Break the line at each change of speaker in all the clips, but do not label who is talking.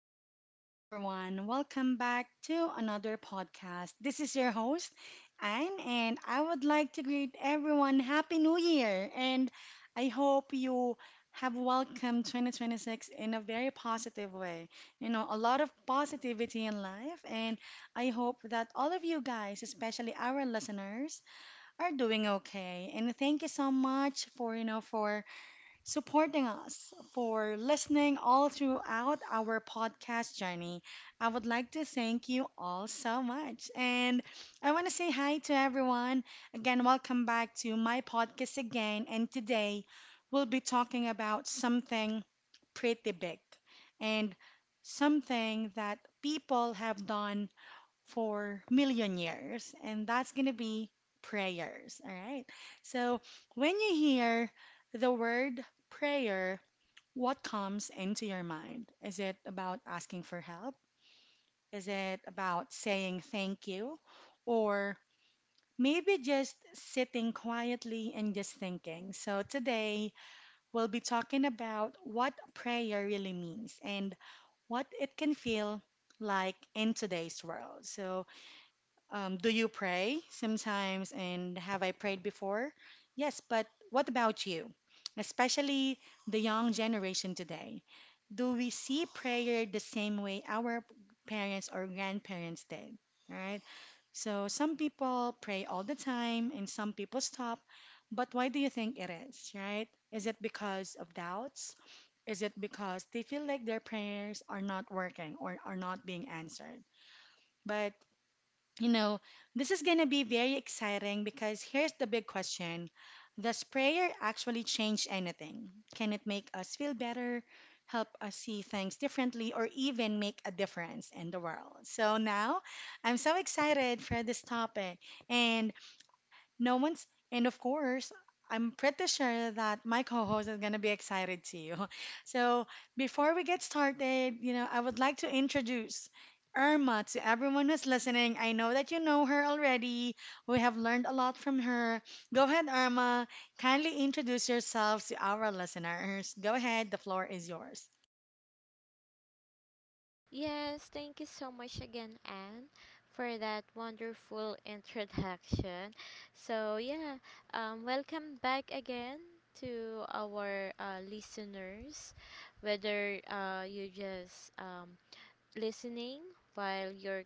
morning, everyone. Welcome back to another podcast. This is your host, Anne, and I would like to greet everyone Happy New Year. And I hope you have welcomed 2026 in a very positive way. You know, a lot of positivity in life, and I hope that all of you guys, especially our listeners, are doing okay. And thank you so much for, for supporting us, for listening all throughout our podcast journey. I would like to thank you all so much. And I want to say hi to everyone. Again, welcome back to my podcast again. And today we'll be talking about something pretty big and something that people have done for million years, and that's going to be prayers. All right. So when you hear the word prayer, what comes into your mind? Is it about asking for help? Is it about saying thank you? Or maybe just sitting quietly and just thinking. So today we'll be talking about what prayer really means and what it can feel like in today's world. So do you pray sometimes? And have I prayed before? Yes, but what about you? Especially the young generation today. Do we see prayer the same way our parents or grandparents did? Right? So some people pray all the time and some people stop. But why do you think it is, right? Is it because of doubts? Is it because they feel like their prayers are not working or are not being answered? But you know, this is going to be very exciting because here's the big question. Does prayer actually change anything? Can it make us feel better, help us see things differently, or even make a difference in the world? So now I'm so excited for this topic. And no one's, and of course, I'm pretty sure that my co-host is gonna be excited too. So before we get started, you know, I would like to introduce Irma to everyone who's listening. I know that you know her already. We have learned a lot from her. Go ahead, Irma. Kindly introduce yourselves to our listeners. Go ahead, the floor is yours.
Yes, thank you so much again, Anne, for that wonderful introduction. So, yeah, welcome back again to our listeners, whether you just listening while you're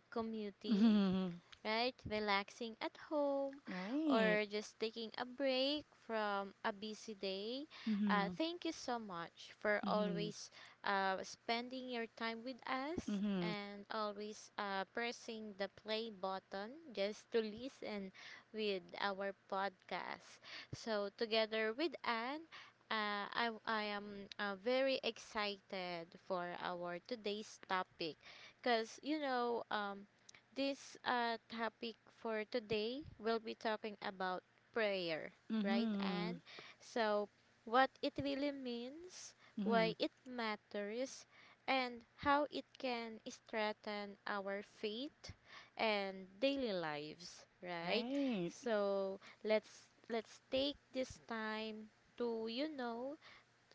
commuting
Hmm.
right? Relaxing at home
Right.
or just taking a break from a busy day.
Hmm.
Thank you so much for
Hmm.
always spending your time with us
Hmm.
and always pressing the play button just to listen with our podcast. So, together with Anne, I am very excited for our today's topic because this topic for today, we'll be talking about prayer, right? And
Hmm.
so, what it really means,
Hmm.
why it matters, and how it can strengthen our faith and daily lives, right?
Right.
So let's take this time to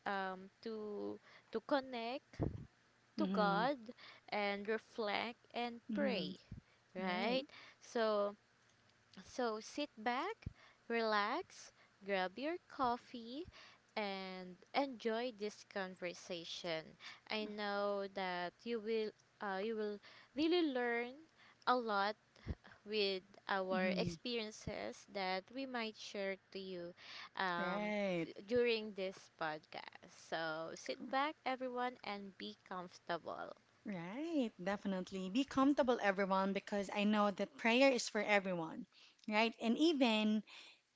um, to to connect to
Hmm.
God and reflect and
Hmm.
pray
Right.
right? So, so sit back, relax, grab your coffee and enjoy this conversation. I know that you will uh, you will really learn a lot with our
Hmm.
experiences that we might share to you um,
Right.
during this podcast. So sit back, everyone, and be comfortable.
Right. Definitely. Be comfortable, everyone, because I know that prayer is for everyone. Right. And even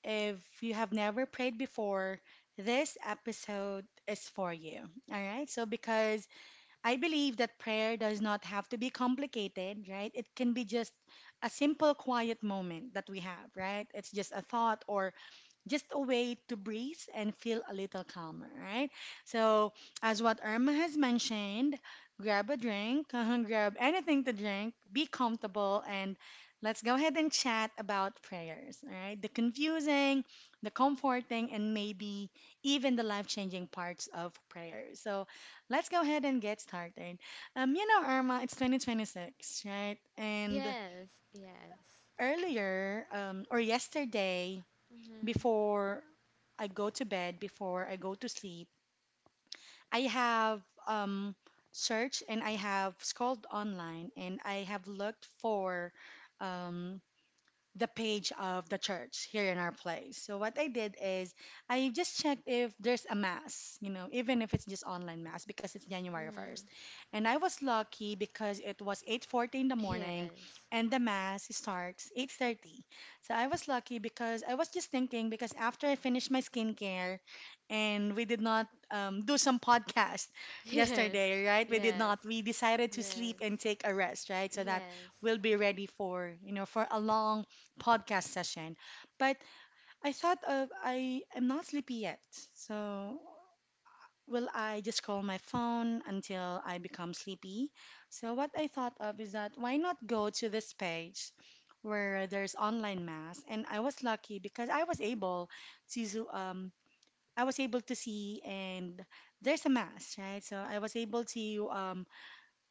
if you have never prayed before, this episode is for you. All right. So, because I believe that prayer does not have to be complicated, right? It can be just a simple, quiet moment that we have, right? It's just a thought or just a way to breathe and feel a little calmer, right? So, as what Irma has mentioned, grab a drink, uh-huh, grab anything to drink, be comfortable, and let's go ahead and chat about prayers, all right? The confusing, the comforting, and maybe even the life changing parts of prayer. So, let's go ahead and get started. You know, Irma, it's 2026, right? And
Yes, yes.
earlier or yesterday,
Mm-hmm.
before I go to bed, before I go to sleep, I have searched and I have scrolled online and I have looked for um, the page of the church here in our place. So what I did is I just checked if there's a mass, you know, even if it's just online mass because it's January
Mm-hmm.
1st. And I was lucky because it was 8:40 in the morning
Yes.
and the mass starts 8:30. So I was lucky because I was just thinking because after I finished my skincare and we did not do some podcast
Yes.
yesterday, right? We did not. We decided to sleep and
Yes.
take a rest, right? So that
Yes.
we'll be ready for, you know, for a long podcast session. But I thought of I am not sleepy yet. So will I just scroll my phone until I become sleepy? So what I thought of is that why not go to this page where there's online mass and I was lucky because to um I was able to see and there's a mass, right? So I was able to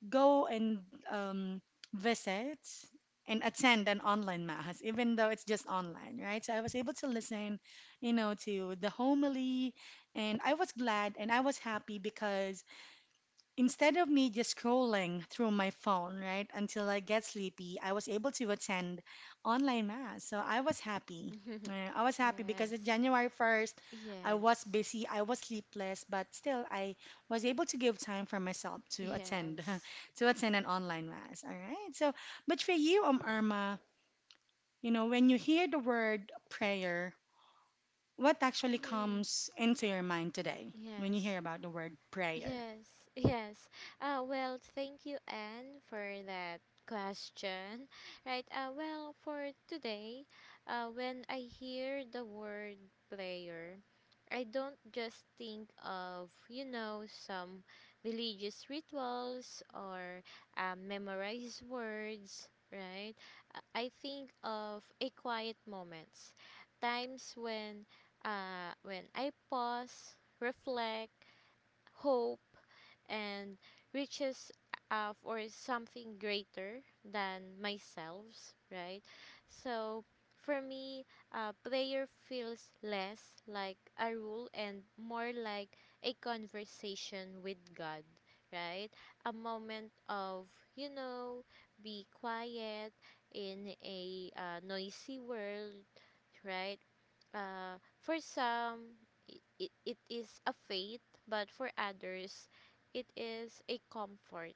go and um, visit and attend an online mahas, even though it's just online, right? So I was able to listen, you know, to the homily, and I was glad and I was happy because instead of me just scrolling through my phone, right, until I get sleepy, I was able to attend online mass. So I was happy.
Yes.
I was happy because on
yes.
January 1st, I was busy, I was sleepless, but still I was able to give time for myself to
Yes.
attend
Yes.
to attend an online mass. All right. So, but for you, Irma, you know, when you hear the word prayer, what actually
Mhm.
comes into your mind today when you
Yes.
hear about the word prayer?
Yes, yes. Well, thank you, Anne, for that question. Right. Well, for today, when I hear the word prayer, I don't just think of, you know, some religious rituals or memorized words, right? I think of a quiet moments, times when I pause, reflect, hope and reaches for something greater than myself, right? So for me, prayer feels less like a rule and more like a conversation with God, right? A moment of, you know, be quiet in a noisy world, right? For some, it is a faith, but for others, it is a comfort,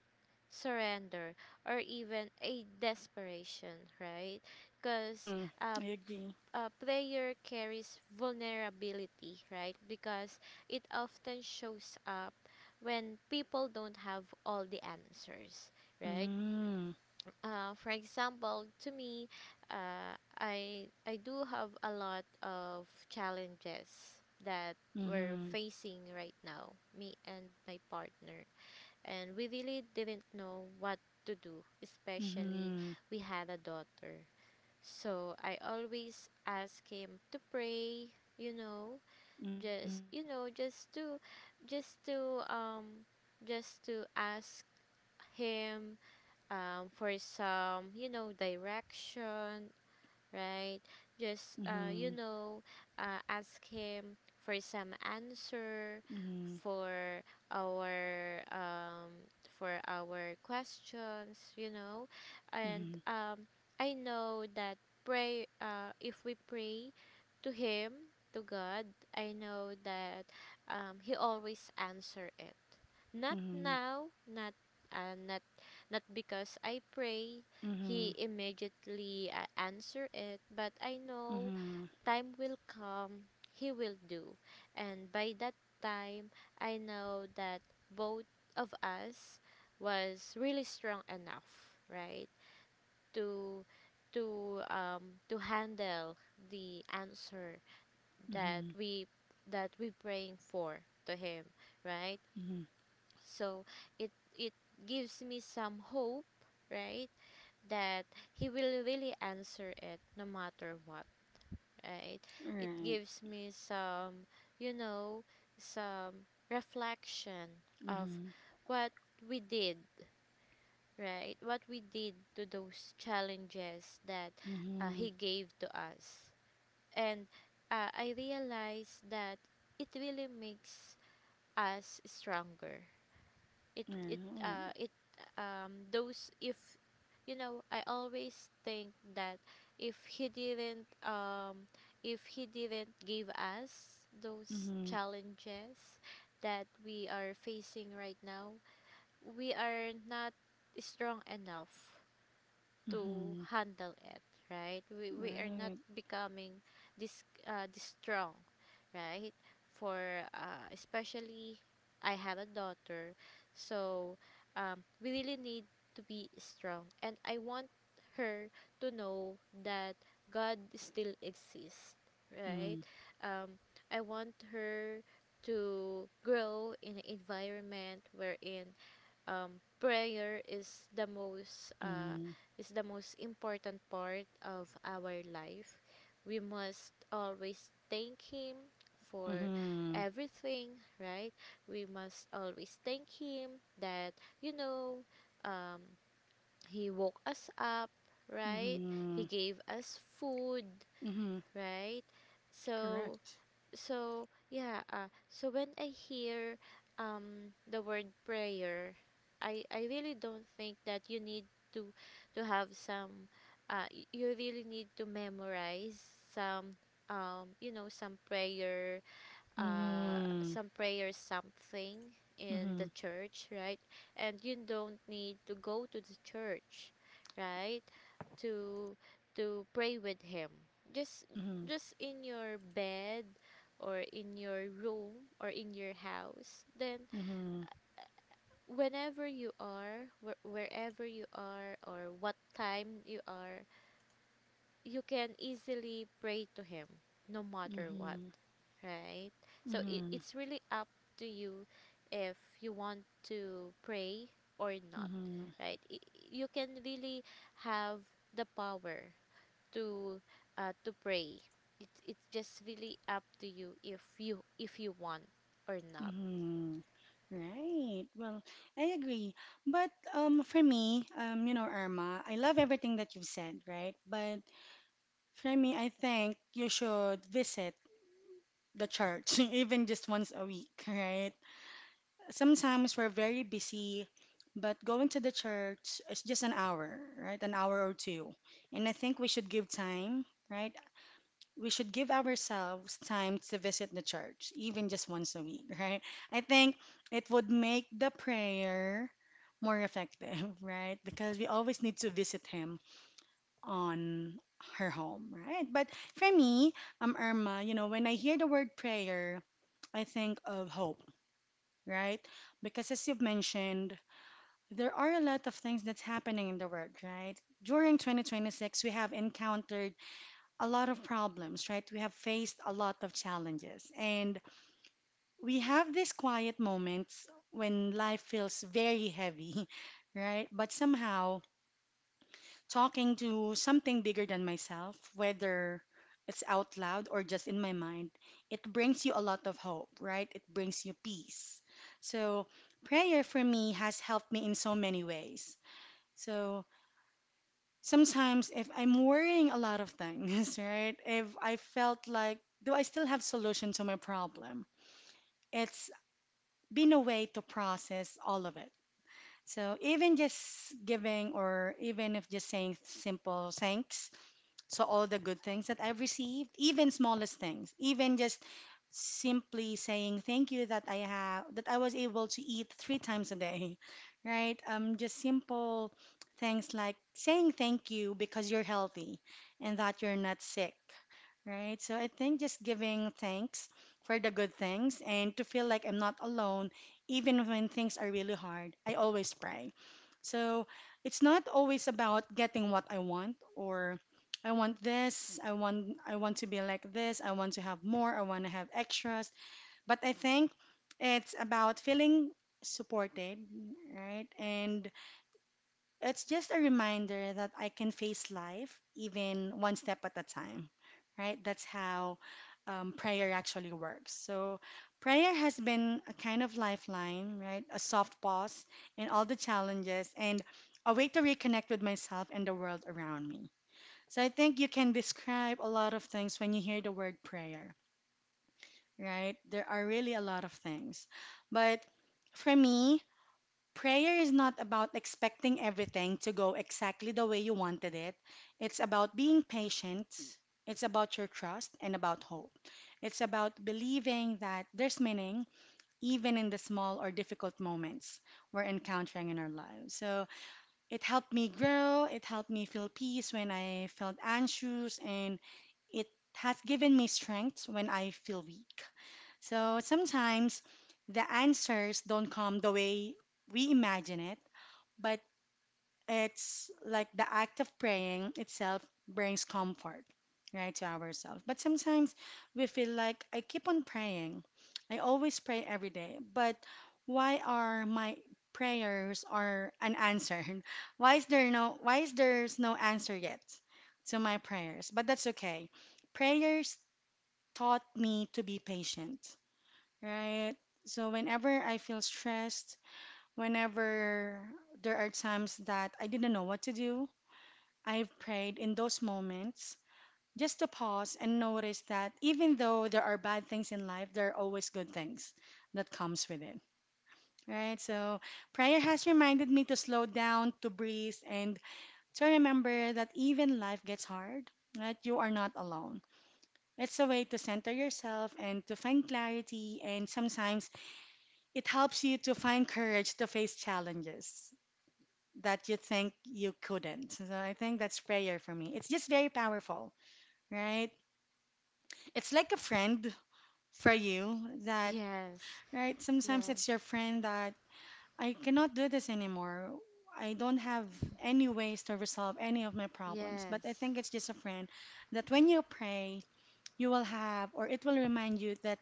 surrender, or even a desperation, right? Because
Mm,
uh,
I agree.
prayer carries vulnerability, right? Because it often shows up when people don't have all the answers, right?
Mm,
For example, to me, uh, I do have a lot of challenges that we're
mhm,
facing right now, me and my partner, and we really didn't know what to do. Especially,
mhm,
we had a daughter, so I always ask him to pray. You know,
mhm,
just you know, just to, just to um, just to ask him for some, you know, direction, right? Just,
mhm,
you know, ask him for some answer
mhm,
for our um, for our questions, you know, and
mhm,
I know that pray if we pray to him to God, I know that he always answer it. Not now, uh, not not because I pray
mhm,
he immediately answer it but I
mhm,
know
mhm,
time will come he will do and by that time I know that both of us was really strong enough right to to handle the answer that
mhm,
we praying for to him right
mhm.
so it it gives me some hope right that he will really answer it no matter what, right? It
Right.
gives me some, you know, some reflection of
Mhm,
what we did, right? What we did to those challenges that
mhm,
he gave to us. And I realized that it really makes us stronger it it
right.
it Those if you know I always think that if he didn't um if he didn't give us those
Mhm,
challenges that we are facing right now we are not strong enough to
mhm,
handle it right we are not
right.
becoming this this strong right for especially I have a daughter so we really need to be strong and I want her to know that God still exists right
Mm,
um, I want her to grow in an environment wherein prayer
mhm,
is the most important part of our life. We must always thank Him for
mhm,
everything, right? We must always thank Him that you know um, He woke us up, right? He
mhm,
gave us food,
mhm.
right? So
Correct.
so so when I hear the word prayer I really don't think that you need to to have some you really need to memorize some some prayer
Mhm,
some prayers, something in the
mhm,
church, right? And you don't need to go to the church, right? To to pray with him. Just
mhm,
just in your bed or in your room or in your house. Then
mhm,
whenever you are, wherever you are or what time you are, you can easily pray to him no matter what
mhm,
right? So it,
mhm,
it's really up to you if you want to pray or not, right? I You can really have the power to to pray. It's just really up to you if you want or not.
mhm, mhm. Right. Well, I agree. But for me, you know, Irma, I love everything that you've said, right? But for me, I think you should visit the church, even just once a week, right? Sometimes we're very busy, but going to the church is just an hour, right? An hour or two. And I think we should give time, right? We should give ourselves time to visit the church, even just once a week, right? I think it would make the prayer more effective, right? Because we always need to visit him on her home, right? But for me, Irma, you know, when I hear the word prayer, I think of hope, right? Because as you've mentioned, there are a lot of things that's happening in the world, right? During 2026, we have encountered a lot of problems, right? We have faced a lot of challenges. And we have these quiet moments when life feels very heavy, right? But somehow, talking to something bigger than myself, whether it's out loud or just in my mind, it brings you a lot of hope, right? It brings you peace. So, prayer for me has helped me in so many ways. So, sometimes if I'm worrying a lot of things, right? If I felt like, do I still have solution to my problem? It's been a way to process all of it. So even just giving or even if just saying simple thanks so all the good things that I've received, even smallest things, even just simply saying thank you that I was able to eat 3 times a day, right? Just simple things like saying thank you because you're healthy and that you're not sick. Right. So I think just giving thanks for the good things and to feel like I'm not alone, even when things are really hard. I always pray. So it's not always about getting what I want or I want this, I want to be like this, I want to have more, I want to have extras. But I think it's about feeling supported, right? And it's just a reminder that I can face life even one step at a time, right? That's how prayer actually works. So, prayer has been a kind of lifeline, right? A soft pause in all the challenges and a way to reconnect with myself and the world around me. So, I think you can describe a lot of things when you hear the word prayer, right? There are really a lot of things. But for me, prayer is not about expecting everything to go exactly the way you wanted it. It's about being patient. It's about your trust and about hope. It's about believing that there's meaning even in the small or difficult moments we're encountering in our lives. So it helped me grow. It helped me feel peace when I felt anxious, and it has given me strength when I feel weak. So sometimes the answers don't come the way we imagine it but it's like the act of praying itself brings comfort right to ourselves but sometimes we feel like I keep on praying I always pray every day but why are my prayers are unanswered why is there's no answer yet to my prayers but that's okay prayers taught me to be patient right so whenever I feel stressed Whenever there are times that I didn't know what to do, I've prayed in those moments just to pause and notice that even though there are bad things in life, there are always good things that comes with it. Right? So prayer has reminded me to slow down, to breathe, and to remember that even life gets hard, that you are not alone. It's a way to center yourself and to find clarity, and sometimes it helps you to find courage to face challenges that you think you couldn't. So I think that's prayer for me. It's just very powerful, right? It's like a friend for you that,
Yes,
right? Sometimes it's your
yes,
friend that I cannot do this anymore. I don't have any ways to resolve any of my problems. But I
yes,
think it's just a friend that when you pray, you will have, or it will remind you that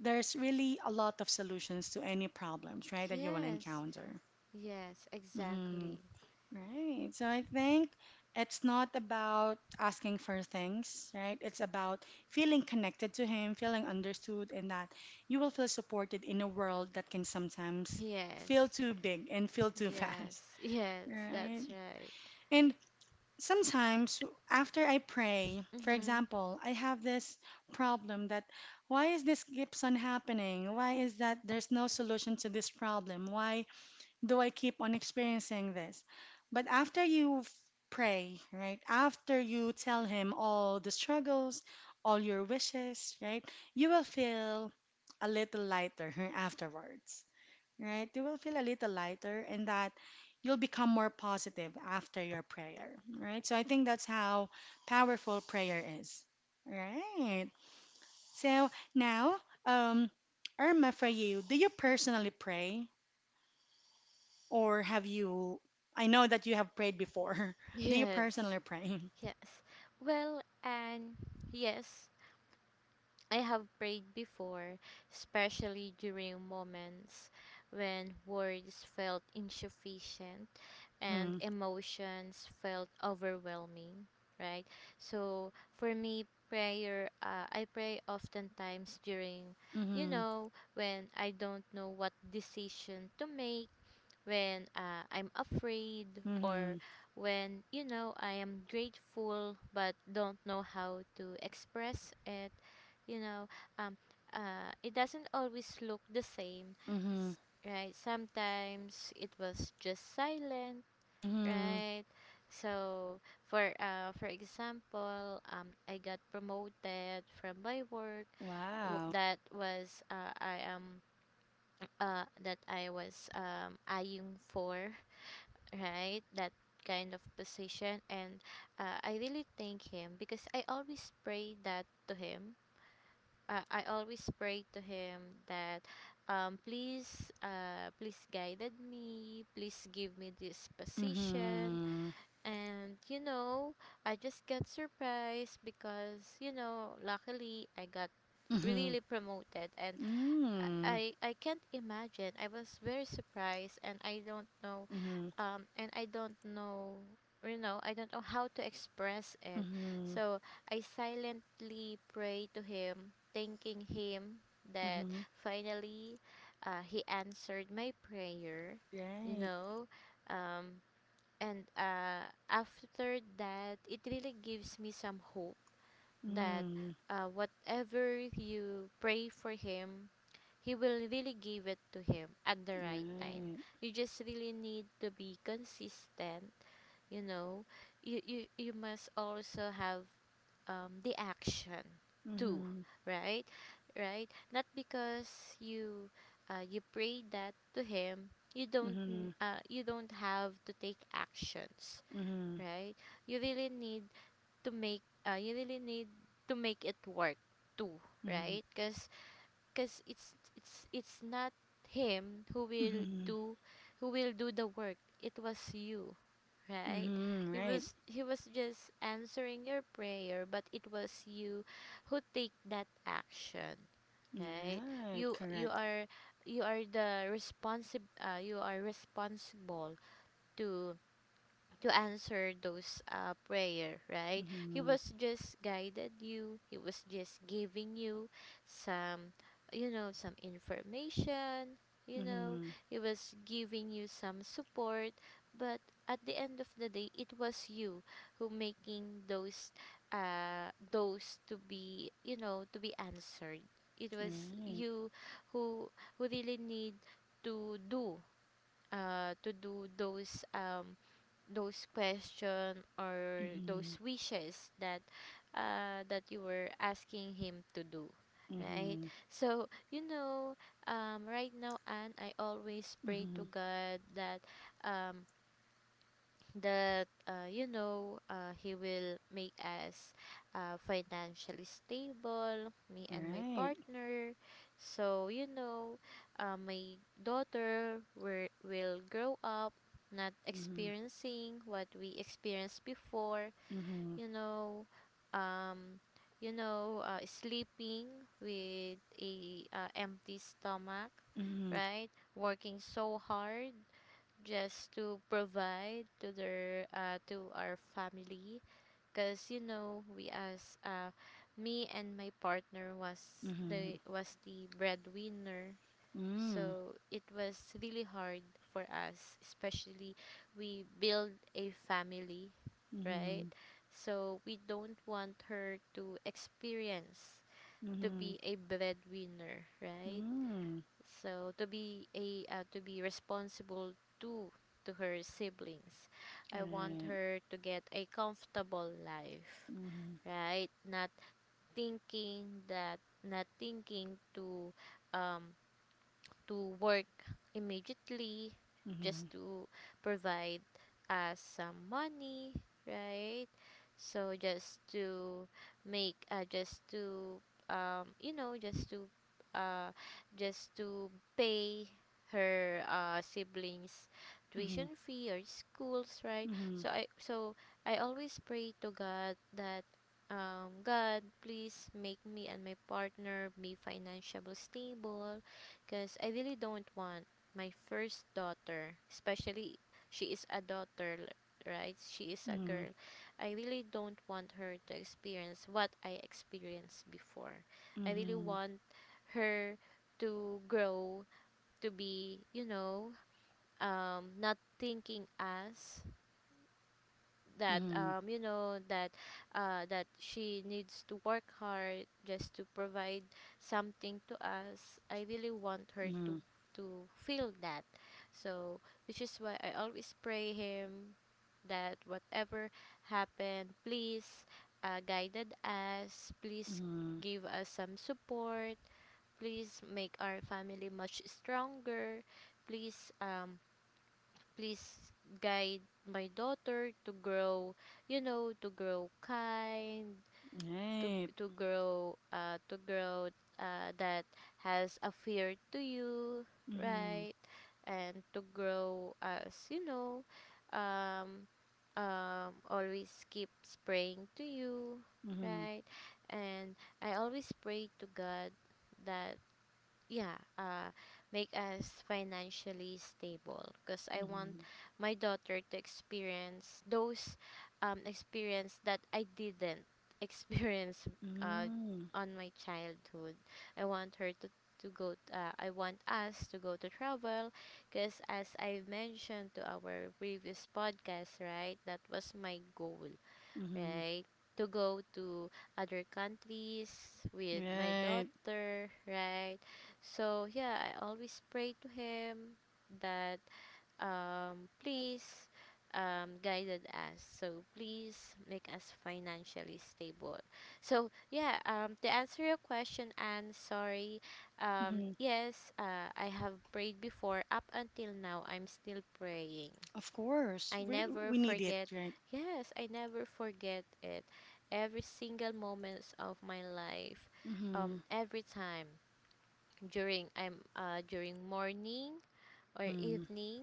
there's really a lot of solutions to any problems, right? That you will
yes,
encounter.
yes,
Mhm.
exactly.
Right. So I think it's not about asking for things, right? It's about feeling connected to him, feeling understood, and that you will feel supported in a world that can sometimes feel
Yes,
too big and feel too
yes,
fast,
yes.
right?
That's right.
And sometimes after I pray, for
Mm-hmm.
example, I have this problem that, why is this keeps on happening? Why is that there's no solution to this problem? Why though I keep on experiencing this. But after you pray, right? After you tell him all the struggles, all your wishes, right? You will feel a little lighter afterwards, right? You will feel a little lighter and that you'll become more positive after your prayer, right? So I think that's how powerful prayer is, right? So now, um, Irma, for you, do you personally pray? Or have you? I know that you have prayed before. Do you
Yes.
personally pray?
Yes. Well, and yes, I have prayed before, especially during moments when words felt insufficient and
Mm-hmm.
emotions felt overwhelming, right? So for me, prayer, I pray oftentimes during, you
Mm-hmm.
know, when I don't know what decision to make when I'm afraid or
Mm-hmm.
when you know I am grateful but don't know how to express it you know um it doesn't always look the same
Mm-hmm.
s- right sometimes it was just silent
Mm-hmm.
right so for example I got promoted from my work w-
Wow.
that was uh, I am that I was eyeing for right that kind of position and I really thank him because I always pray that to him I always pray to him that please guided me please give me this position
Mm-hmm.
and you know I just got surprised because you know luckily I got
Mm-hmm.
really promoted and
Mm.
I can't imagine. I was very surprised, and I don't know,
Mm-hmm.
um, and I don't know, you know, I don't know how to express it.
Mm-hmm.
So I silently pray to him, thanking him that
Mm-hmm.
finally, he answered my prayer, you
Right.
know, um, and after that, it really gives me some hope that
Mm.
whatever you pray for him he will really give it to him at the right time.
Right.
You just really need to be consistent, you know. You must also have the action too,
Mm-hmm.
right? Right? Not because you you pray that to him,
Mm-hmm.
you don't have to take actions,
Mm-hmm.
right? You really need to make you really need to make it work too,
Mm-hmm.
right? Cuz Because it's not him who will
Mm-hmm.
do who will do the work it was you right
Mm-hmm.
it
Right.
was he was just answering your prayer but it was you who take that action right
Right.
you
Correct.
you are the responsible you are responsible to to answer those prayer, right? He
Mm-hmm.
was just guided you. He was just giving you some, you know, some information. You know,
Mm-hmm.
he was giving you some support, but at the end of the day, it was you who making those to be, you know, to be answered. It was
Right.
you who who really need to do, to do those question or
Mm-hmm.
those wishes that that you were asking him to do right
Mm-hmm.
so you know right now and I always pray to
Mm-hmm.
God that um, you know he will make us financially stable me and my
Right.
partner so you know my daughter will grow up not
Mhm.
experiencing what we experienced before
Mhm.
you know um sleeping with a empty stomach
Mhm.
right working so hard just to provide to their to our family because you know we as me and my partner
Mhm.
was the breadwinner
Mm.
so it was really hard for us especially we build a family right
Mhm.
so we don't want her to experience to
Mhm.
be a breadwinner right
Mm.
so to be a to be responsible too to her siblings. I want
Right.
her to get a comfortable life,
Mhm.
right? Thinking that not thinking um to work immediately
Mhm.
just to provide us some money, right? So just to make, you know, uh, just to pay her siblings
Mhm.
tuition fee or schools right so i so I always pray to God that God, please make me and my partner be financially stable, because I really don't want my first daughter, especially she is a daughter, right? She is a
Mhm. Mhm.
girl. I really don't want her to experience what I experienced before. I really want her to grow to be, not thinking as that
Mhm.
that that she needs to work hard just to provide something to us. I really want her
Mhm.
to
Mhm.
to feel that. So which is why I always pray him that whatever happened, please guided us, please
Mhm.
give us some support, please make our family much stronger, please please guide my daughter to grow, to grow kind, to
Right.
to grow to grow that has a fear to you,
Mhm.
right? And to grow as, um always keeps praying to you,
Mhm.
right? And I always pray to God that, yeah, make us financially stable because I want
Mhm.
my daughter to experience those, experience that I didn't experience uh
Mm.
on my childhood. I want her to go t- I want us to go to travel because as I mentioned to our previous podcast, right? That was my goal,
Mhm.
right? To go to other countries with my
Right.
daughter, right? So yeah, I always pray to him that, please, guided us. So please make us financially stable. So yeah, to answer your question, and sorry,
Mhm.
yes, I have prayed before. Up until now, I'm still praying.
Of course.
I
We
never
we need it,
forget.
right?
Yes, I never forget it. Every single moments of my life,
Mhm.
every time during morning or
Mhm.
evening,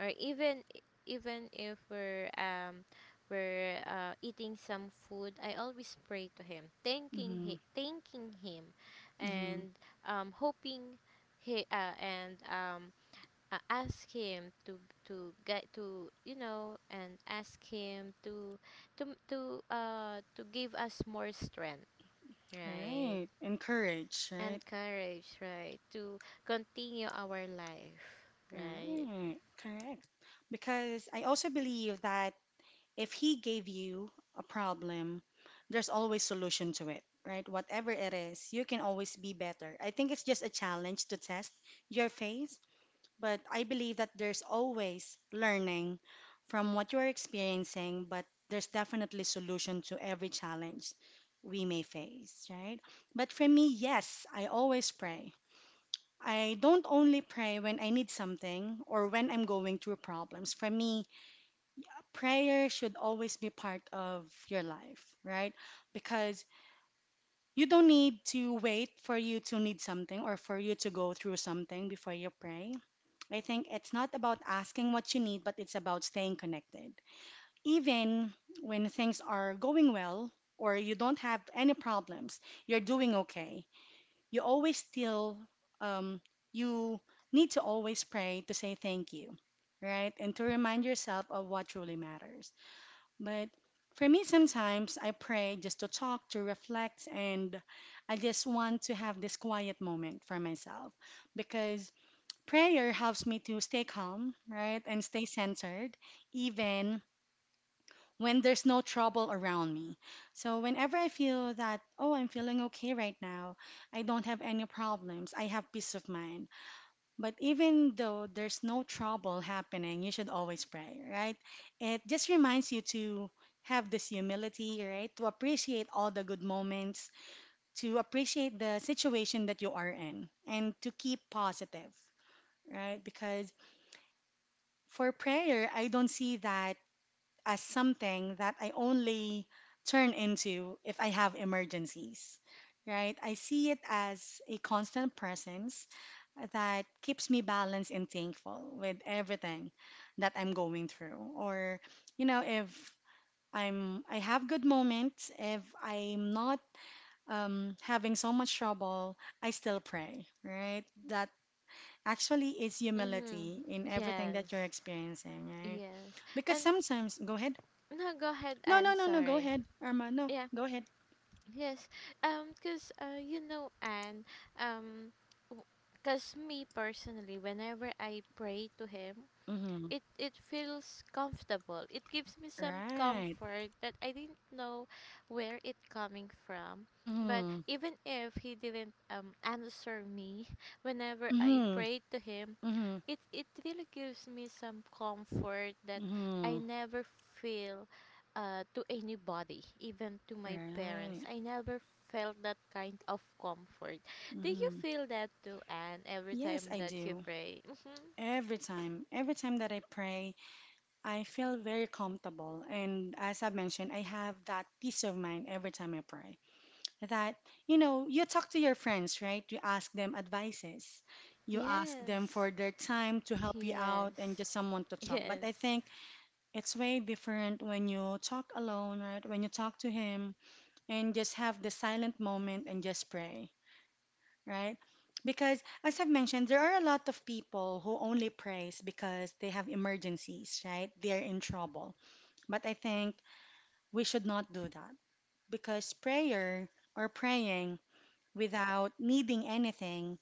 or even if we're eating some food, I always pray to him, thanking
Mhm.
he, thanking him,
Mhm.
and hoping he and ask him to get to you know and ask him to give us more strength, right?
Right. Encourage, right?
And courage, right? To continue our life, right?
Mm, correct. Because I also believe that if he gave you a problem, there's always solution to it, right? Whatever it is, you can always be better. I think it's just a challenge to test your faith, but I believe that there's always learning from what you're experiencing, but there's definitely solution to every challenge we may face, right? But for me, yes, I always pray. I don't only pray when I need something or when I'm going through problems. For me, prayer should always be part of your life, right? Because you don't need to wait for you to need something or for you to go through something before you pray. I think it's not about asking what you need, but it's about staying connected. Even when things are going well or you don't have any problems, you're doing okay, you always still, um, you need to always pray to say thank you, right, and to remind yourself of what truly matters. But for me, sometimes I pray just to talk, to reflect, and I just want to have this quiet moment for myself because prayer helps me to stay calm, right, and stay centered even when there's no trouble around me. So whenever I feel that, oh, I'm feeling okay right now, I don't have any problems, I have peace of mind. But even though there's no trouble happening, you should always pray, right? It just reminds you to have this humility, right? To appreciate all the good moments, to appreciate the situation that you are in, and to keep positive, right? Because for prayer, I don't see that as something that I only turn into if I have emergencies, right? I see it as a constant presence that keeps me balanced and thankful with everything that I'm going through. Or, you know, if I have good moments, if I'm not having so much trouble, I still pray, right? That actually is
Mm-hmm.
humility in everything that
Yes.
you're experiencing, right?
Yes.
Because
And
sometimes, go ahead.
no, go ahead,
No, no,
and
no, no. Go
sorry.
ahead, Arma. No,
Yeah.
go ahead.
Yes. Because, you know and um because me personally, whenever I pray to him,
Mm-hmm.
it feels comfortable. It gives me some
Right.
comfort that I didn't know where it coming from. But
Mm-hmm.
even if he didn't, answer me whenever I
Mm-hmm.
prayed to him,
Mm-hmm.
it really gives me some comfort that I
Mm-hmm.
never feel, to anybody, even to my parents.
Right.
I never felt that kind of comfort. Do you
Mm-hmm.
feel that too, Anne? Every
Yes,
time
I
that you
do.
pray?
Every time that I pray, I feel very comfortable. And as I mentioned, I have that peace of mind every time I pray. That, you know, you talk to your friends, right? You ask them advices. You ask them
Yes.
for their time to help you out and just
Yes.
someone to talk. But
Yes.
I think it's way different when you talk alone, right? When you talk to him and just have the silent moment and just pray, right? Because as I've mentioned, there are a lot of people who only prays because they have emergencies, right? They're in trouble. But I think we should not do that because prayer or praying without needing anything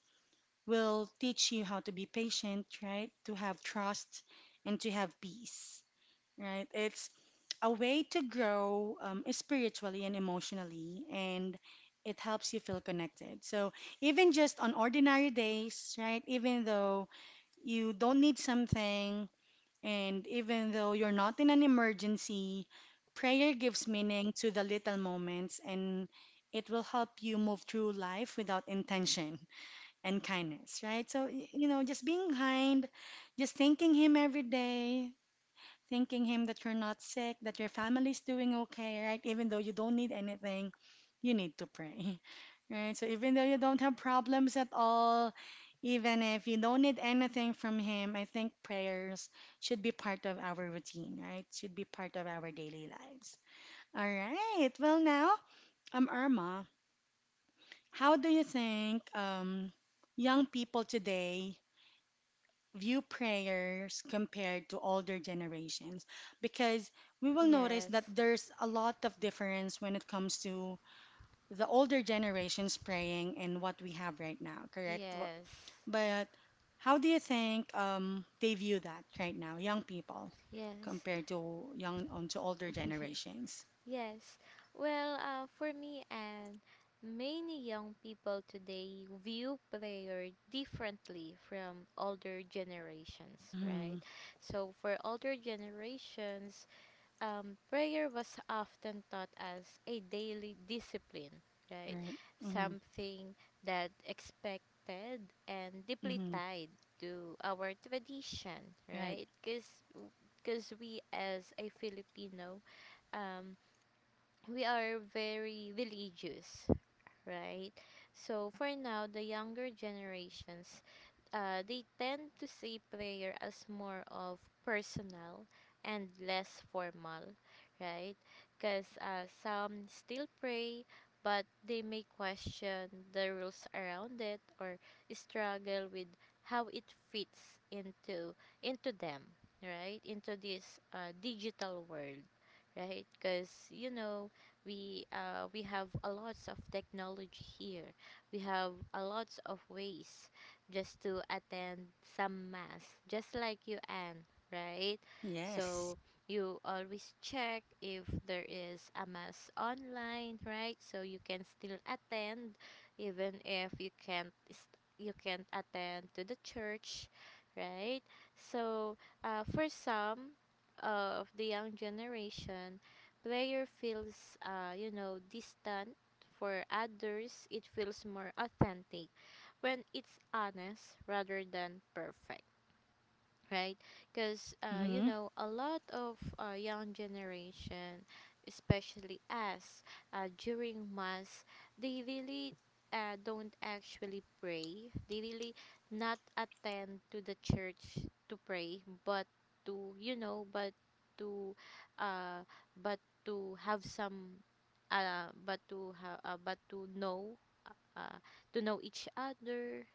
will teach you how to be patient, right? To have trust and to have peace, right? It's a way to grow spiritually and emotionally, and it helps you feel connected. So, even just on ordinary days, right? Even though you don't need something, and even though you're not in an emergency, prayer gives meaning to the little moments and it will help you move through life without intention and kindness, right? So, you know, just being kind, just thanking him every day, thanking him that you're not sick, that your family's doing okay, right? Even though you don't need anything, you need to pray, right? So even though you don't have problems at all, even if you don't need anything from him, I think prayers should be part of our routine, right? Should be part of our daily lives. All right. Well, now, Irma, how do you think young people today view prayers compared to older generations, because we will notice that
Yes.
there's a lot of difference when it comes to the older generations praying and what we have right now, correct? Wha-
Yes.
But how do you think they view that right now, young people,
Yes.
compared to young to older generations?
Yes. Well, for me, and many young people today view prayer differently from older generations,
Mm-hmm.
right? So for older generations, prayer was often taught as a daily discipline, right?
Right. Mm-hmm.
Something that expected and deeply
Mm-hmm.
tied to our tradition,
Right.
right? Because we as a Filipino, um, we are very religious, right? So for now, the younger generations, they tend to see prayer as more of personal and less formal, right? Because, some still pray, but they may question the rules around it or struggle with how it fits into them, right? Into this, digital world, right? Because, you know, we, we have a lots of technology here. We have a lots of ways just to attend some mass, just like you, Anne, right?
Yes.
So you always check if there is a mass online, right? So you can still attend, even if you can't attend to the church, right? So, for some of the young generation, prayer feels, you know, distant. For others, it feels more authentic when it's honest rather than perfect, right? Because, you
Mm-hmm.
know, a lot of, young generation, especially us, during mass, they really, don't actually pray. They really not attend to the church to pray, but to, you know, to uh, but to have some, but to know, uh, to know each other,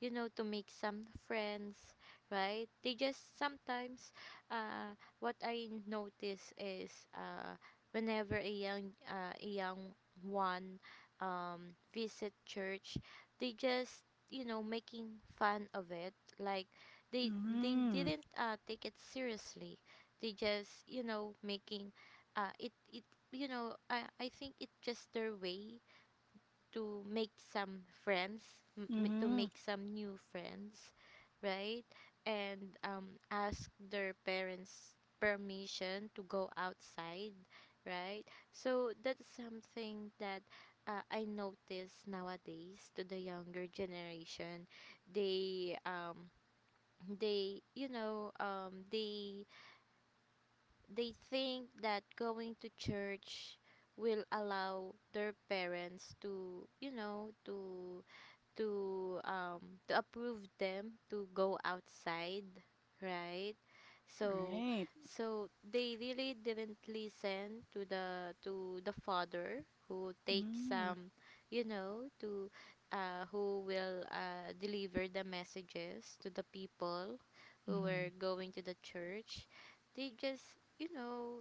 you know, to make some friends, right? They just sometimes, what I notice is, whenever a young, a young one, visit church. They just, you know, making fun of it. Like they
Mm-hmm.
didn't, take it seriously. They just, you know, making, it it you know, I think it's just their way to make some friends, to
Mm-hmm.
make some new friends, right? And, ask their parents permission to go outside, right? So that's something that, I notice nowadays to the younger generation. They um they you know they think that going to church will allow their parents to, you know, to approve them to go outside, right. so
Right.
so they really didn't listen to the, father who takes
Mm-hmm.
some, you know, to who will, deliver the messages to the people who were going to the church. They just, you know,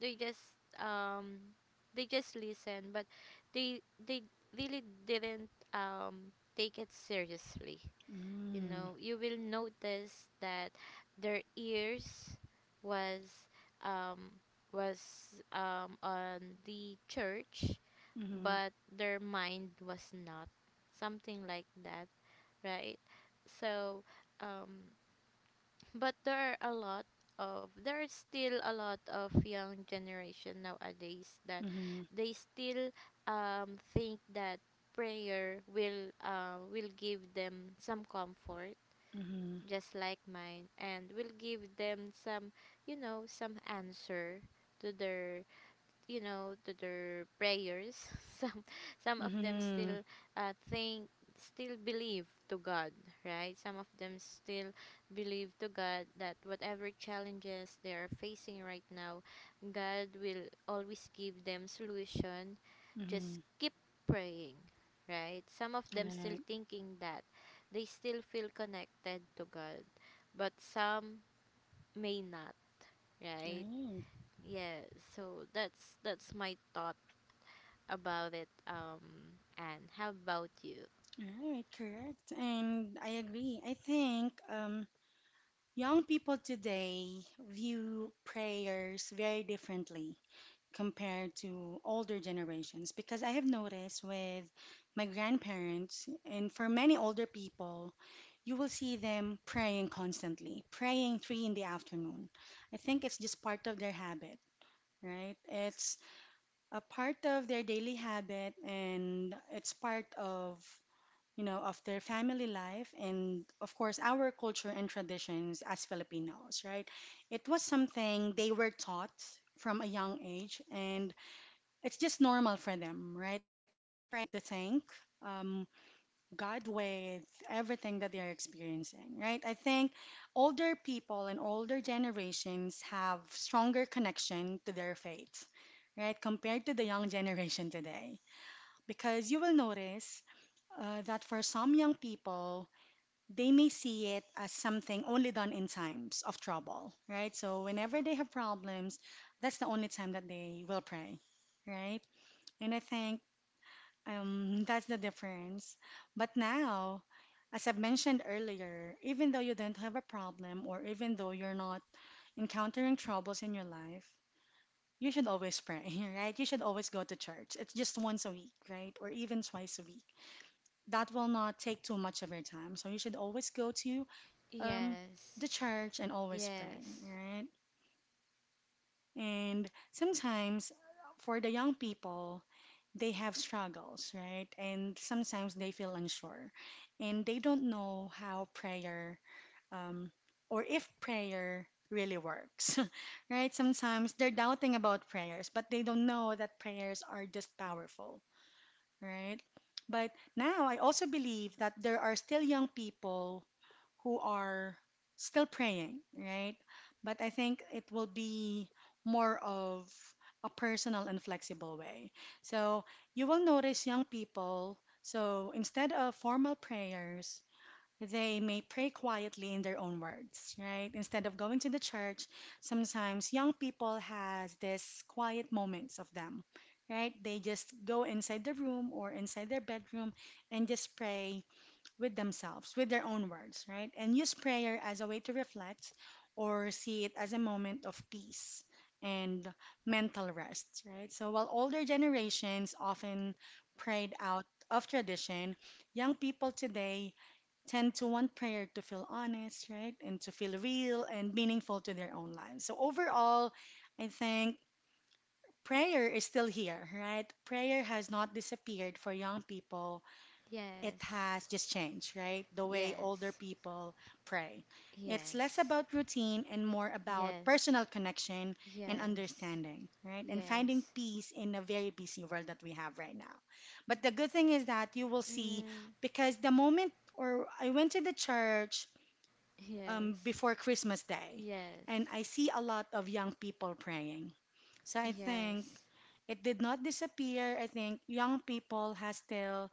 they just um they just listen, but they really didn't, take it seriously. You
Mm.
know, you will notice that their ears was, um on the church,
Mhm.
but their mind was not something like that, right? So um but there is still a lot of young generation nowadays that
Mhm.
they still, think that prayer will, will give them some comfort,
Mhm.
just like mine, and will give them some, you know, some answer to their, you know, to their prayers. some some of them
Mhm.
still, think still believe to God, right? Some of them still believe to God that whatever challenges they are facing right now, God will always give them solution, just
Mhm.
keep praying, right? Some of them still
Right.
thinking that they still feel connected to God, but some may not, right?
Right.
Yeah, so that's my thought about it, and how about you?
Right. Correct. And I agree. I think young people today view prayers very differently compared to older generations because I have noticed with my grandparents and for many older people, you will see them praying constantly, praying three in the afternoon. I think it's just part of their habit, right? It's a part of their daily habit and it's part of, you know, of their family life and of course our culture and traditions as Filipinos, right? It was something they were taught from a young age and it's just normal for them, right, to pray and to thank, um, God, with everything that they're experiencing, right? I think older people and older generations have stronger connection to their faith, right, compared to the young generation today. Because you will notice that for some young people, they may see it as something only done in times of trouble, right? So whenever they have problems, that's the only time that they will pray, right? And I think that's the difference. But now, as I've mentioned earlier, even though you don't have a problem or even though you're not encountering troubles in your life, you should always pray, right? You should always go to church. It's just once a week, right? Or even twice a week. That will not take too much of your time. So you should always go to, um, the
Yes,
church, and always pray,
yes,
right? And sometimes for the young people, they have struggles, right? And sometimes they feel unsure and they don't know how prayer, um, or if prayer really works, right? Sometimes they're doubting about prayers, but they don't know that prayers are just powerful, right? But now I also believe that there are still young people who are still praying, right? But I think it will be more of a personal and flexible way. So you will notice young people, so instead of formal prayers, they may pray quietly in their own words, right? Instead of going to the church, sometimes young people has this quiet moments of them, right? They just go inside the room or inside their bedroom and just pray with themselves, with their own words, right? And use prayer as a way to reflect or see it as a moment of peace and mental rest, right? So while older generations often prayed out of tradition, young people today tend to want prayer to feel honest, right? And to feel real and meaningful to their own lives. So overall, I think prayer is still here, right? Prayer has not disappeared for young people, it
yes,
has just changed, right? The way older
yes,
people pray. It's less
yes,
about routine and more about
yes,
personal connection and
yes,
understanding, right? And finding
yes,
peace in a very busy world that we have right now. But the good thing is that you will see,
mm,
because the moment, or I went to the church
yes,
before Christmas Day,
yes,
and I see a lot of young people praying. So I think
yes,
it did not disappear. I think young people has still,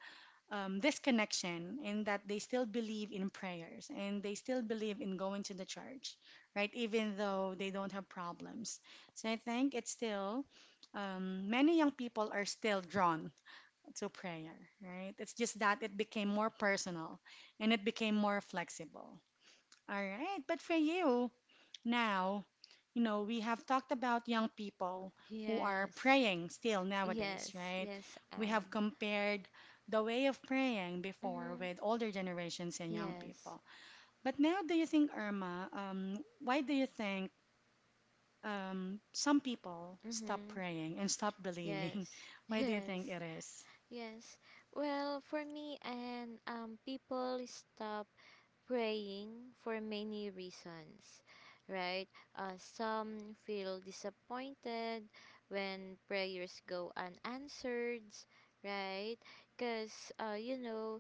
this connection in that they still believe in prayers and they still believe in going to the church, right? Even though they don't have problems. So I think it's still, many young people are still drawn to prayer, right? It's just that it became more personal and it became more flexible. All right, but for you, now, you know, we have talked about young people who are
yes,
praying still
yes,
nowadays, right?
yes,
We
and
have compared the way of praying before
mm-hmm,
with older generations and young
yes,
people. But now, do you think, Irma, why do you think some people stop
mm-hmm,
praying and stop believing?
yes,
Why do you think
yes,
it is?
yes. Well, for me, and, people stop praying for many reasons, right? Some feel disappointed when prayers go unanswered, right? Because, you know,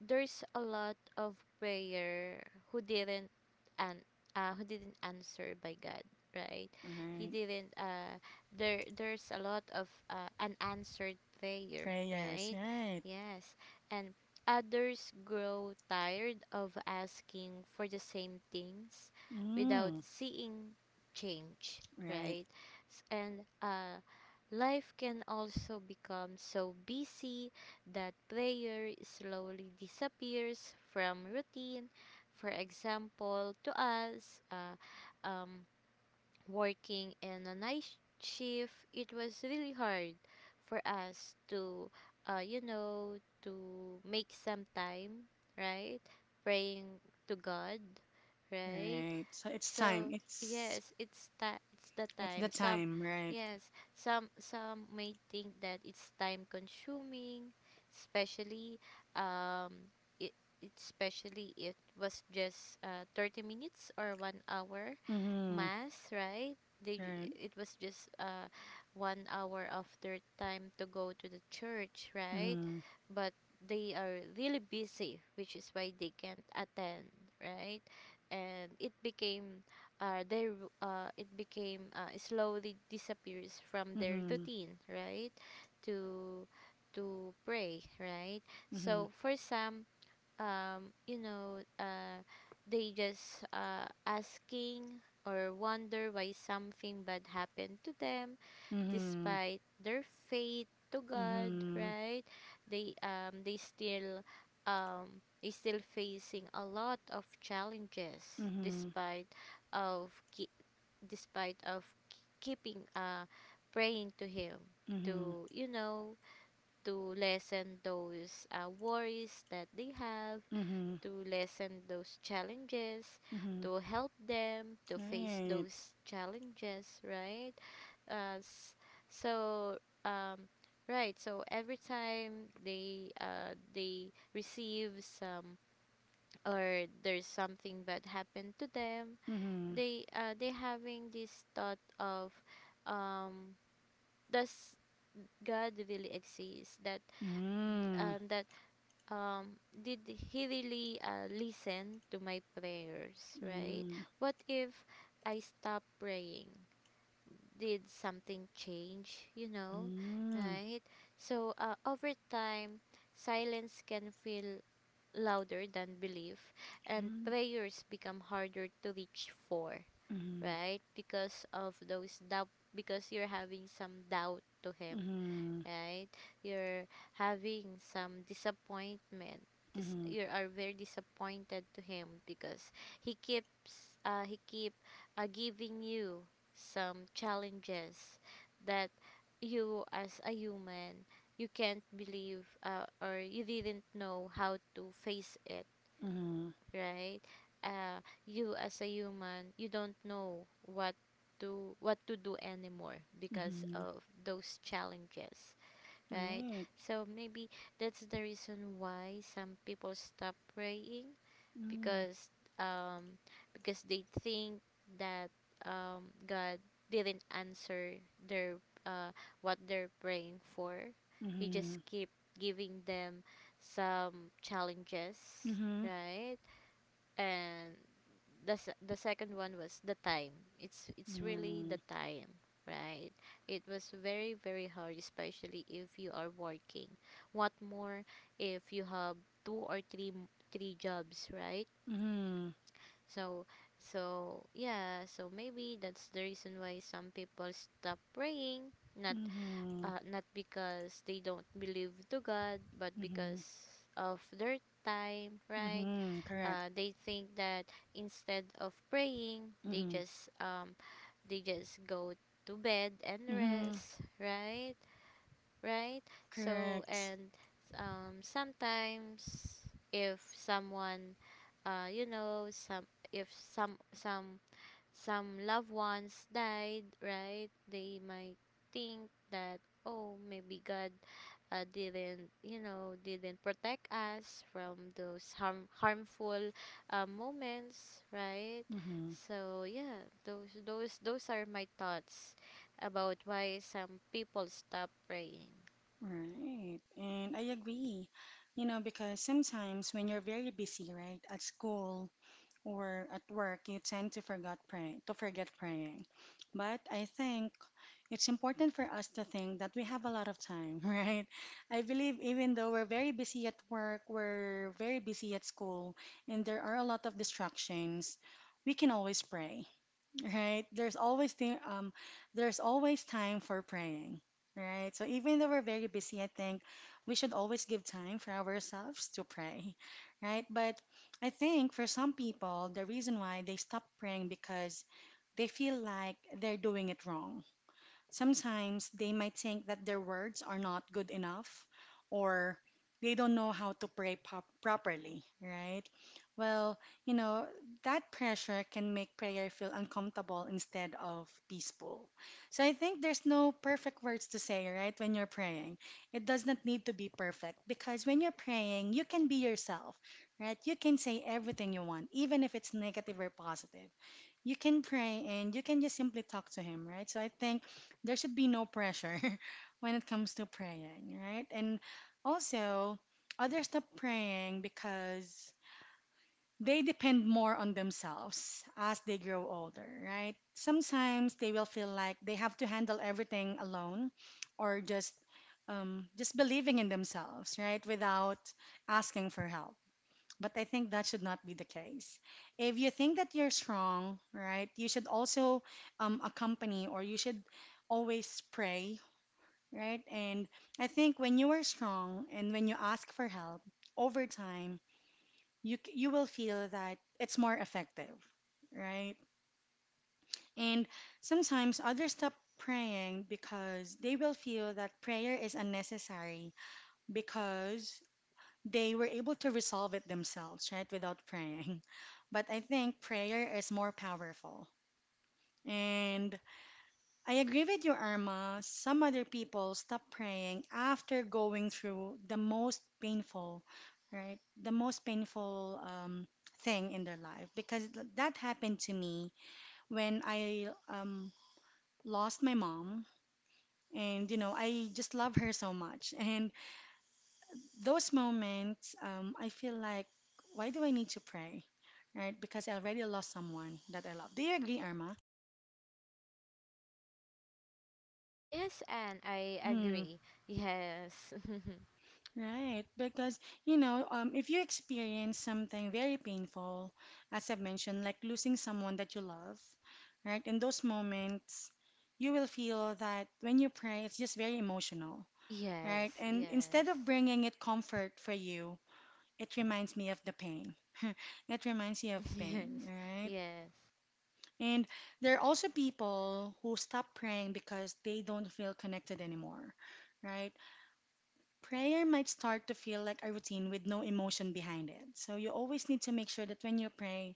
there's a lot of prayer who didn't, and, who didn't answer by God, right? He
Right.
didn't. There's a lot of, unanswered prayer,
Prayers,
right?
right.
Yes, and others grow tired of asking for the same things without
Mm,
seeing change,
right,
right? And, life can also become so busy that prayer slowly disappears from routine. For example, to us, um, working in a night shift, it was really hard for us to, you know, to make some time, right? Praying to God, right?
right. So it's time.
So
It's
yes, it's the
it's the
time. Some
time, right?
Yes, some may think that it's time consuming, especially, um it especially it was just, 30 minutes or 1 hour
Mhm.
mass, right? They j-
Right.
it was just, 1 hour of their time to go to the church, right?
Mhm.
But they are really busy, which is why they can't attend, right? And it became, it became, slowly disappears from their
Mhm.
routine, right? To to pray, right?
Mhm.
So for some, you know, they just, asking or wonder why something bad happened to them
Mhm.
despite their faith to God,
Mhm.
right? They still, they still facing a lot of challenges, despite of ki- despite of, keeping, praying to him
Mhm.
to, you know, to lessen those, worries that they have,
Mhm.
to lessen those challenges,
Mhm. Mhm.
to help them to face
Right.
those challenges, right? Uh, s- so, um, right. So every time they, they receive some, or there's something bad happened to them,
Mhm.
they, they having this thought of, um, does God really exist? That
Mm.
that Did he really, listen to my prayers, right?
Mm.
What if I stop praying? Did something change, you know,
Mm.
right? So, over time, silence can feel louder than belief, and prayers become harder to reach for,
Mm.
right? Because of those doubt, because you're having some doubt to him,
Mhm.
right? You're having some disappointment. This,
Mhm.
you are very disappointed to him because he keeps, he keep giving you some challenges that you as a human you can't believe, or you didn't know how to face it,
Mhm.
right? You as a human, you don't know what to do anymore
Mhm.
because
Mhm.
of those challenges, right?
Right.
So maybe that's the reason why some people stop praying,
Mm.
because um because they think that, God didn't answer their, uh what they're praying for. He just
Mhm.
keep giving them some challenges,
Mhm.
right? And the second one was the time. It's really the
Mm.
time, right? It was very, very hard, especially if you are working. What more if you have two or three, jobs, right?
Mhm.
So so yeah, so maybe that's the reason why some people stop praying, not,
Mhm.
not because they don't believe to God, but
Mhm.
because of their time, right?
Mhm. Correct.
They think that instead of praying, they
Mhm.
just, go to bed and
Mhm.
rest, right? So,
Correct.
and, sometimes if someone, you know, some if some some loved ones died, right? They might think that, oh, maybe God, didn't, you know, didn't protect us from those, harmful, moments, right?
Mhm.
So yeah, those are my thoughts about why some people stop praying.
Right. And I agree. You know, because sometimes when you're very busy, right, at school or at work, you tend to forget pray to forget praying. But I think it's important for us to think that we have a lot of time, right? I believe even though we're very busy at work, we're very busy at school, and there are a lot of distractions, we can always pray, right? There's always thing, there's always time for praying, right? So even though we're very busy, I think we should always give time for ourselves to pray, right? But I think for some people, the reason why they stop praying because they feel like they're doing it wrong. Sometimes they might think that their words are not good enough or they don't know how to pray pop properly, right? Well, you know, that pressure can make prayer feel uncomfortable instead of peaceful. So I think there's no perfect words to say, right, when you're praying. It does not need to be perfect because when you're praying, you can be yourself, right? You can say everything you want, even if it's negative or positive, you can pray and you can just simply talk to him, right? So I think there should be no pressure when it comes to praying, right? And also, others stop praying because they depend more on themselves as they grow older, right? Sometimes they will feel like they have to handle everything alone or just, just believing in themselves, right? Without asking for help. But I think that should not be the case. If you think that you're strong, right, you should also, accompany or you should always pray, right? And I think when you are strong and when you ask for help over time, you will feel that it's more effective, right? And sometimes others stop praying because they will feel that prayer is unnecessary because they were able to resolve it themselves, right, without praying. But I think prayer is more powerful. And I agree with you, Irma. Some other people stop praying after going through the most painful, right, the most painful, thing in their life. Because that happened to me when I, lost my mom. And, you know, I just love her so much. And those moments, I feel like, why do I need to pray? Right? Because I already lost someone that I love. Do you agree, Irma?
Yes, and I
Mm-hmm.
agree. Yes.
Right. Because, you know, if you experience something very painful, as I've mentioned, like losing someone that you love, right? In those moments, you will feel that when you pray, it's just very emotional, right?
Yes,
And
yes.
instead of bringing it comfort for you, it reminds me of the pain. It reminds you of pain,
Yes,
right?
yes,
And there are also people who stop praying because they don't feel connected anymore, right? Prayer might start to feel like a routine with no emotion behind it. So you always need to make sure that when you pray,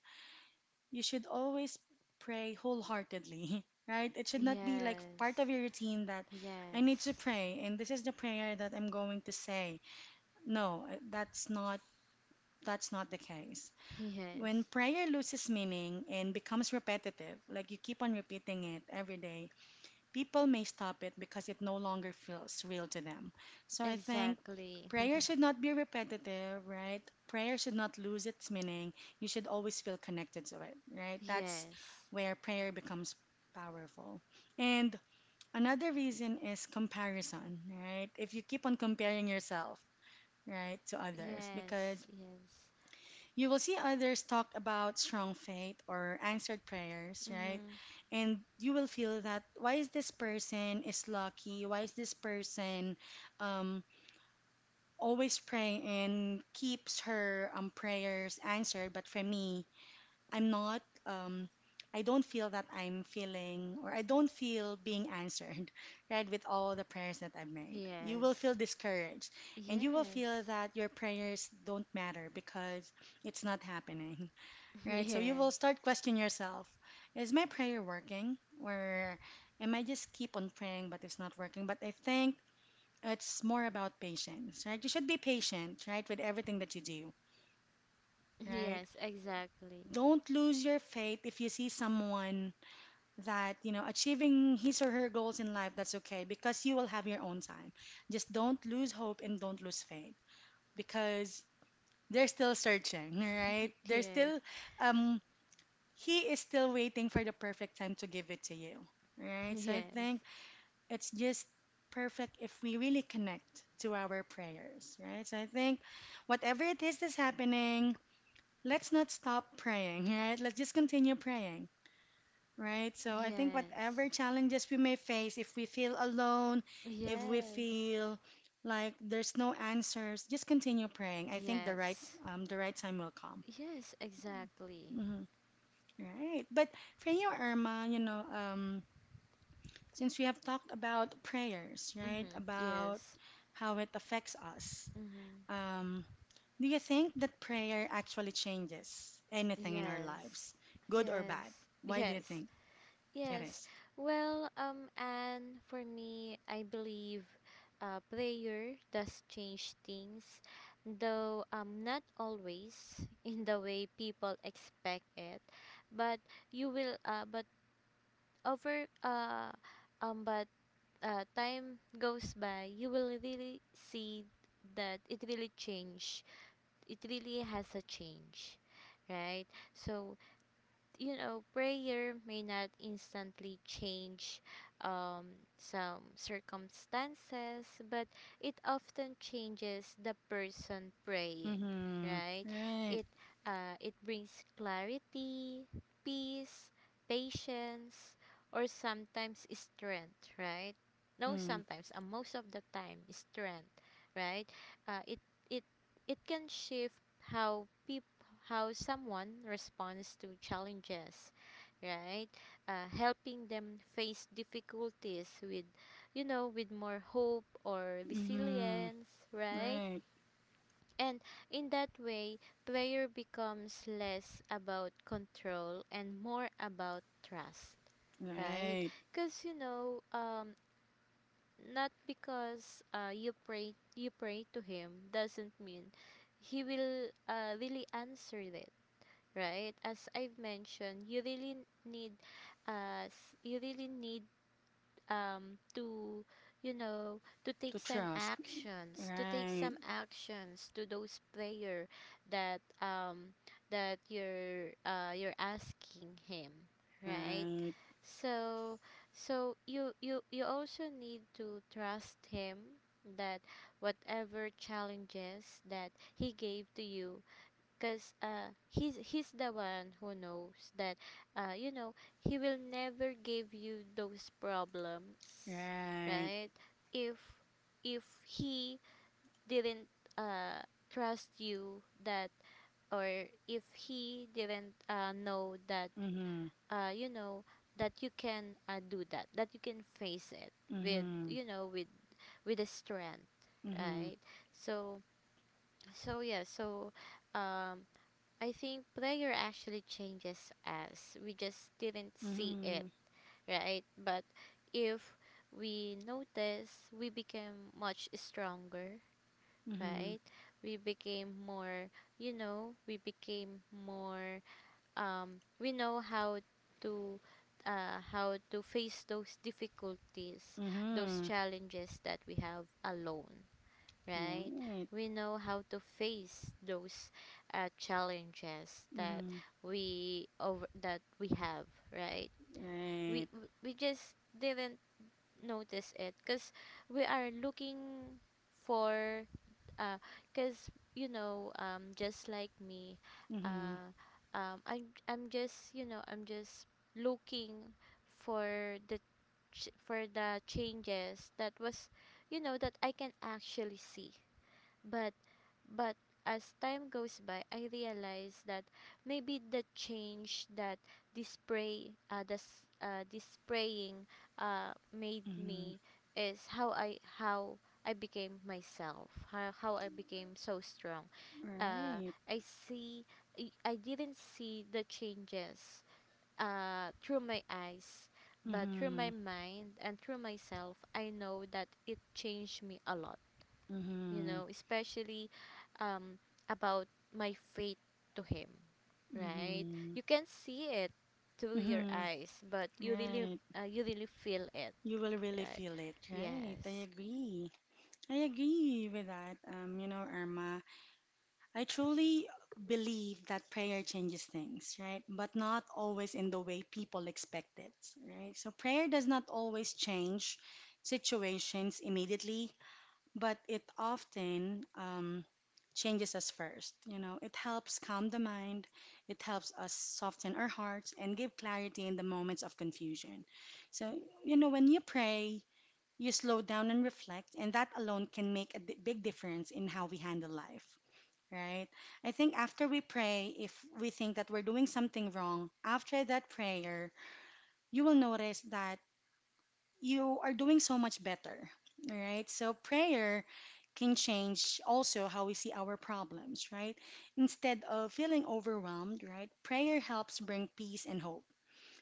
you should always pray wholeheartedly, right? It should not be like
yes.
part of your routine that I
Yes.
need to pray and this is the prayer that I'm going to say. No, that's not, that's not the case. When
Yes.
prayer loses meaning and becomes repetitive, like you keep on repeating it every day, people may stop it because it no longer feels real to them. So I think
Exactly.
prayer should not be repetitive, right? Prayer should not lose its meaning. You should always feel connected to it, right? That's
Yes.
where prayer becomes powerful. And another reason is comparison, right? If you keep on comparing yourself, right, to others, because
Yes. Yes.
you will see others talk about strong faith or answered prayers, right?
Mm-hmm.
And you will feel that why is this person is lucky? Why is this person, um, always praying and keeps her, prayers answered? But for me, I'm not. I don't feel that I'm feeling or I don't feel being answered, right? With all the prayers that I've made, you will feel
Yes.
discouraged, and you will feel
Yes.
that your prayers don't matter because it's not happening, right? So you will
Yes.
start questioning yourself. Is my prayer working? Or am I just keep on praying but it's not working? But I think it's more about patience, right? You should be patient, right, with everything that you do, right?
Yes, exactly.
Don't lose your faith if you see someone that, you know, achieving his or her goals in life, that's okay because you will have your own time. Just don't lose hope and don't lose faith because they're still searching, right? They're
Yes.
still, um he is still waiting for the perfect time to give it to you, right? So I
Yes.
think it's just perfect if we really connect to our prayers, right? So I think whatever it is that's happening, let's not stop praying, right? Let's just continue praying. Right, so I think whatever challenges we may face, if we feel alone,
Yes.
if we
Yes.
feel like there's no answers, just continue praying. I think the right,
Yes.
the right time will come.
Yes, exactly.
Hmm. Right, but for you, Irma, you know, since we have talked about prayers, right?
Mm-hmm.
About
Yes.
how it affects us.
Mm-hmm.
Um, do you think that prayer actually changes anything in our
Yes.
lives, good or bad?
Yes.
Why do you
Yes.
think it
Yes.
is?
And for me, I believe prayer does change things, though not always in the way people expect it. But you will, uh, but over, uh, um, but time goes by, you will really see that it really change. It really has a change, right? So you know, prayer may not instantly change um, some circumstances, but it often changes the person praying,
Mm-hmm.
right?
Right.
It it brings clarity, peace, patience, or sometimes strength, right? No,
Mm-hmm.
sometimes, and most of the time, strength, right? Uh, it it it can shift how people how someone responds to challenges, right? Helping them face difficulties with, you know, with more hope or
Mm-hmm.
resilience, right?
Right.
And in that way, prayer becomes less about control and more about trust, right?
Right.
Because you know, not because you pray to him doesn't mean he will really answer it, right? As I've mentioned, you really n- need us you really need to you know to
To trust.
take
Right.
some actions to those prayer that that you're asking him, right?
Right.
So so you also need to trust him that whatever challenges that he gave to you, because he's the one who knows that, you know, he will never give you those problems,
Right.
right? If if he didn't, uh, trust you that, or if he didn't, know that,
Mm-hmm.
you know, that you can, do that, you can face it with,
Mm-hmm.
you know, with a strength,
Mm-hmm.
right? So so yeah so um I think prayer actually changes us. We just didn't see it,
Mm-hmm.
right? But if we notice, we became much stronger, right? We became more, you know, we became more, we know to how to face those difficulties,
Mm-hmm.
those
Mm-hmm.
challenges that we have alone, right?
Right.
We know how to face those, challenges that
Mm-hmm.
we over that we have, right? We
Right.
we we just didn't notice it because we are looking for uh because you know just like me,
Mm-hmm.
uh I'm just you know I'm just looking for the for the changes that was you know that I can actually see, but but as time goes by, I realize that maybe the change that this spraying, made
Mm-hmm.
me is how I became myself, how I became so strong.
Right.
I see, I didn't see the changes, through my eyes, but through my
Mm-hmm.
mind and through myself, I know that it changed me a lot, you
Mm-hmm.
know, especially um, about my faith to Him, right?
Mm-hmm.
You can see it through your
Mm-hmm.
eyes, but
Right.
you really feel it,
You will really
right?
feel it, right? I
Yes.
agree. I agree with that. You know, Irma, I truly believe that prayer changes things, right? But not always in the way people expect it, right? So prayer does not always change situations immediately, but it often, changes us first. You know, it helps calm the mind, it helps us soften our hearts, and give clarity in the moments of confusion. So, you know, when you pray, you slow down and reflect, and that alone can make a big difference in how we handle life. Right? I think after we pray, if we think that we're doing something wrong, after that prayer, you will notice that you are doing so much better. All right. So prayer can change also how we see our problems, right? Instead of feeling overwhelmed, right? Prayer helps bring peace and hope.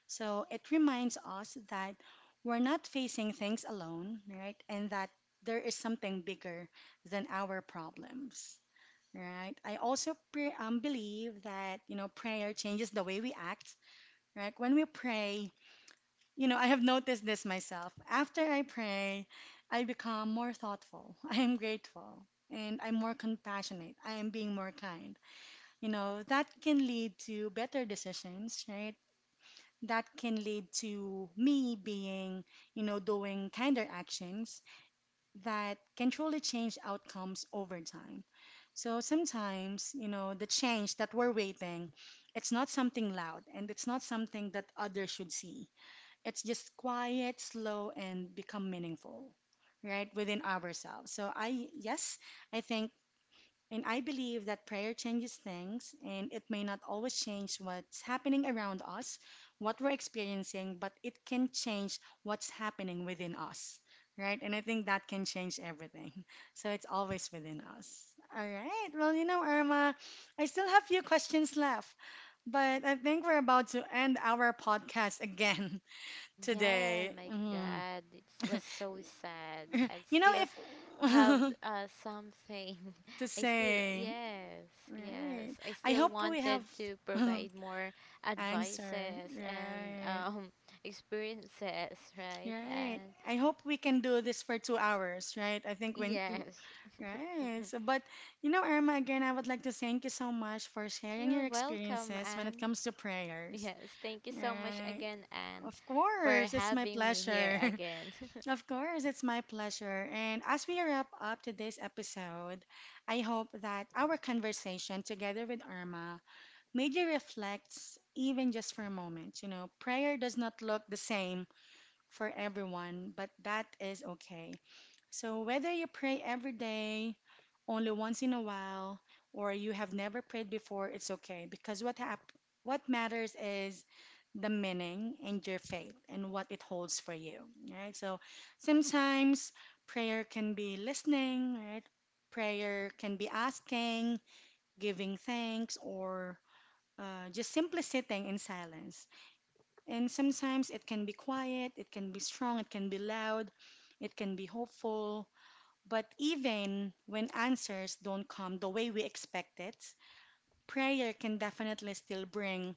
So it reminds us that we're not facing things alone, right? And that there is something bigger than our problems. Right. I also believe that you know prayer changes the way we act. Right. When we pray, you know, I have noticed this myself. After I pray, I become more thoughtful. I am grateful and I'm more compassionate. I am being more kind. You know, that can lead to better decisions, right? That can lead to me being, you know, doing kinder actions that can truly change outcomes over time. So sometimes, you know, the change that we're waiting, it's not something loud and it's not something that others should see, it's just quiet, slow, and become meaningful, right, within ourselves. So I, yes, I think and I believe that prayer changes things, and it may not always change what's happening around us, what we're experiencing, but it can change what's happening within us, right? And I think that can change everything. So it's always within us. All right. Well, you know, Irma, I still have few questions left, but I think we're about to end our podcast again
Again,
today.
my
Mhm.
God, it was so sad. I
You know,
still
if
have, something.
to
I still,
say,
yes, yes.
right,
I
I
still
hope we
wanted
have
to provide more
answer,
advices and,
right,
experiences, right?
right.
And
I hope we can do this for 2 hours, right? I think when,
yes,
right. So, but you know, Irma, again, I would like to thank you so much for sharing
you're
your
welcome,
experiences when it
Anne.
comes to prayers,
Yes, thank you so much
right?
again, Anne,
Of
for
course, it's my
having me here
pleasure.
again.
Of course, it's my pleasure. And as we wrap up today's episode, I hope that our conversation together with Irma made you reflect, even just for a moment. You know, prayer does not look the same for everyone, but that is okay. So, whether you pray every day, only once in a while, or you have never prayed before, it's okay because what matters is the meaning and your faith and what it holds for you, right? So, sometimes prayer can be listening, right? Prayer can be asking, giving thanks, or just simply sitting in silence. And sometimes it can be quiet, it can be strong, it can be loud, it can be hopeful, but even when answers don't come the way we expect it, prayer can definitely still bring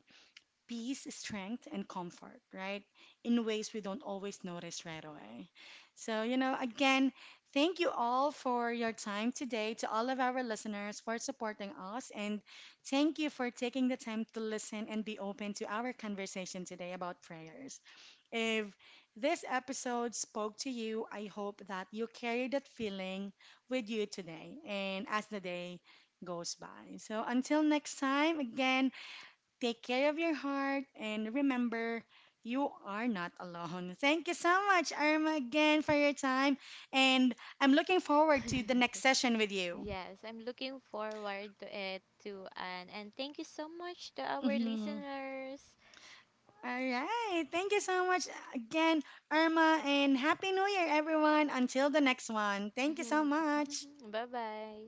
peace, strength, and comfort, right? In ways we don't always notice right away. So, you know, again, thank you all for your time today, to all of our listeners for supporting us, and thank you for taking the time to listen and be open to our conversation today about prayers. If this episode spoke to you, I hope that you carry that feeling with you today and as the day goes by. So until next time, again, take care of your heart and remember you are not alone. Thank you so much, Irma, again for your time. And I'm looking forward to the next session with you.
Yes, I'm looking forward to it too, Anne. And thank you so much to our
Mhm.
listeners.
All right. Thank you so much again, Irma, and Happy New Year, everyone. Until the next one. Thank you so much.
Bye bye.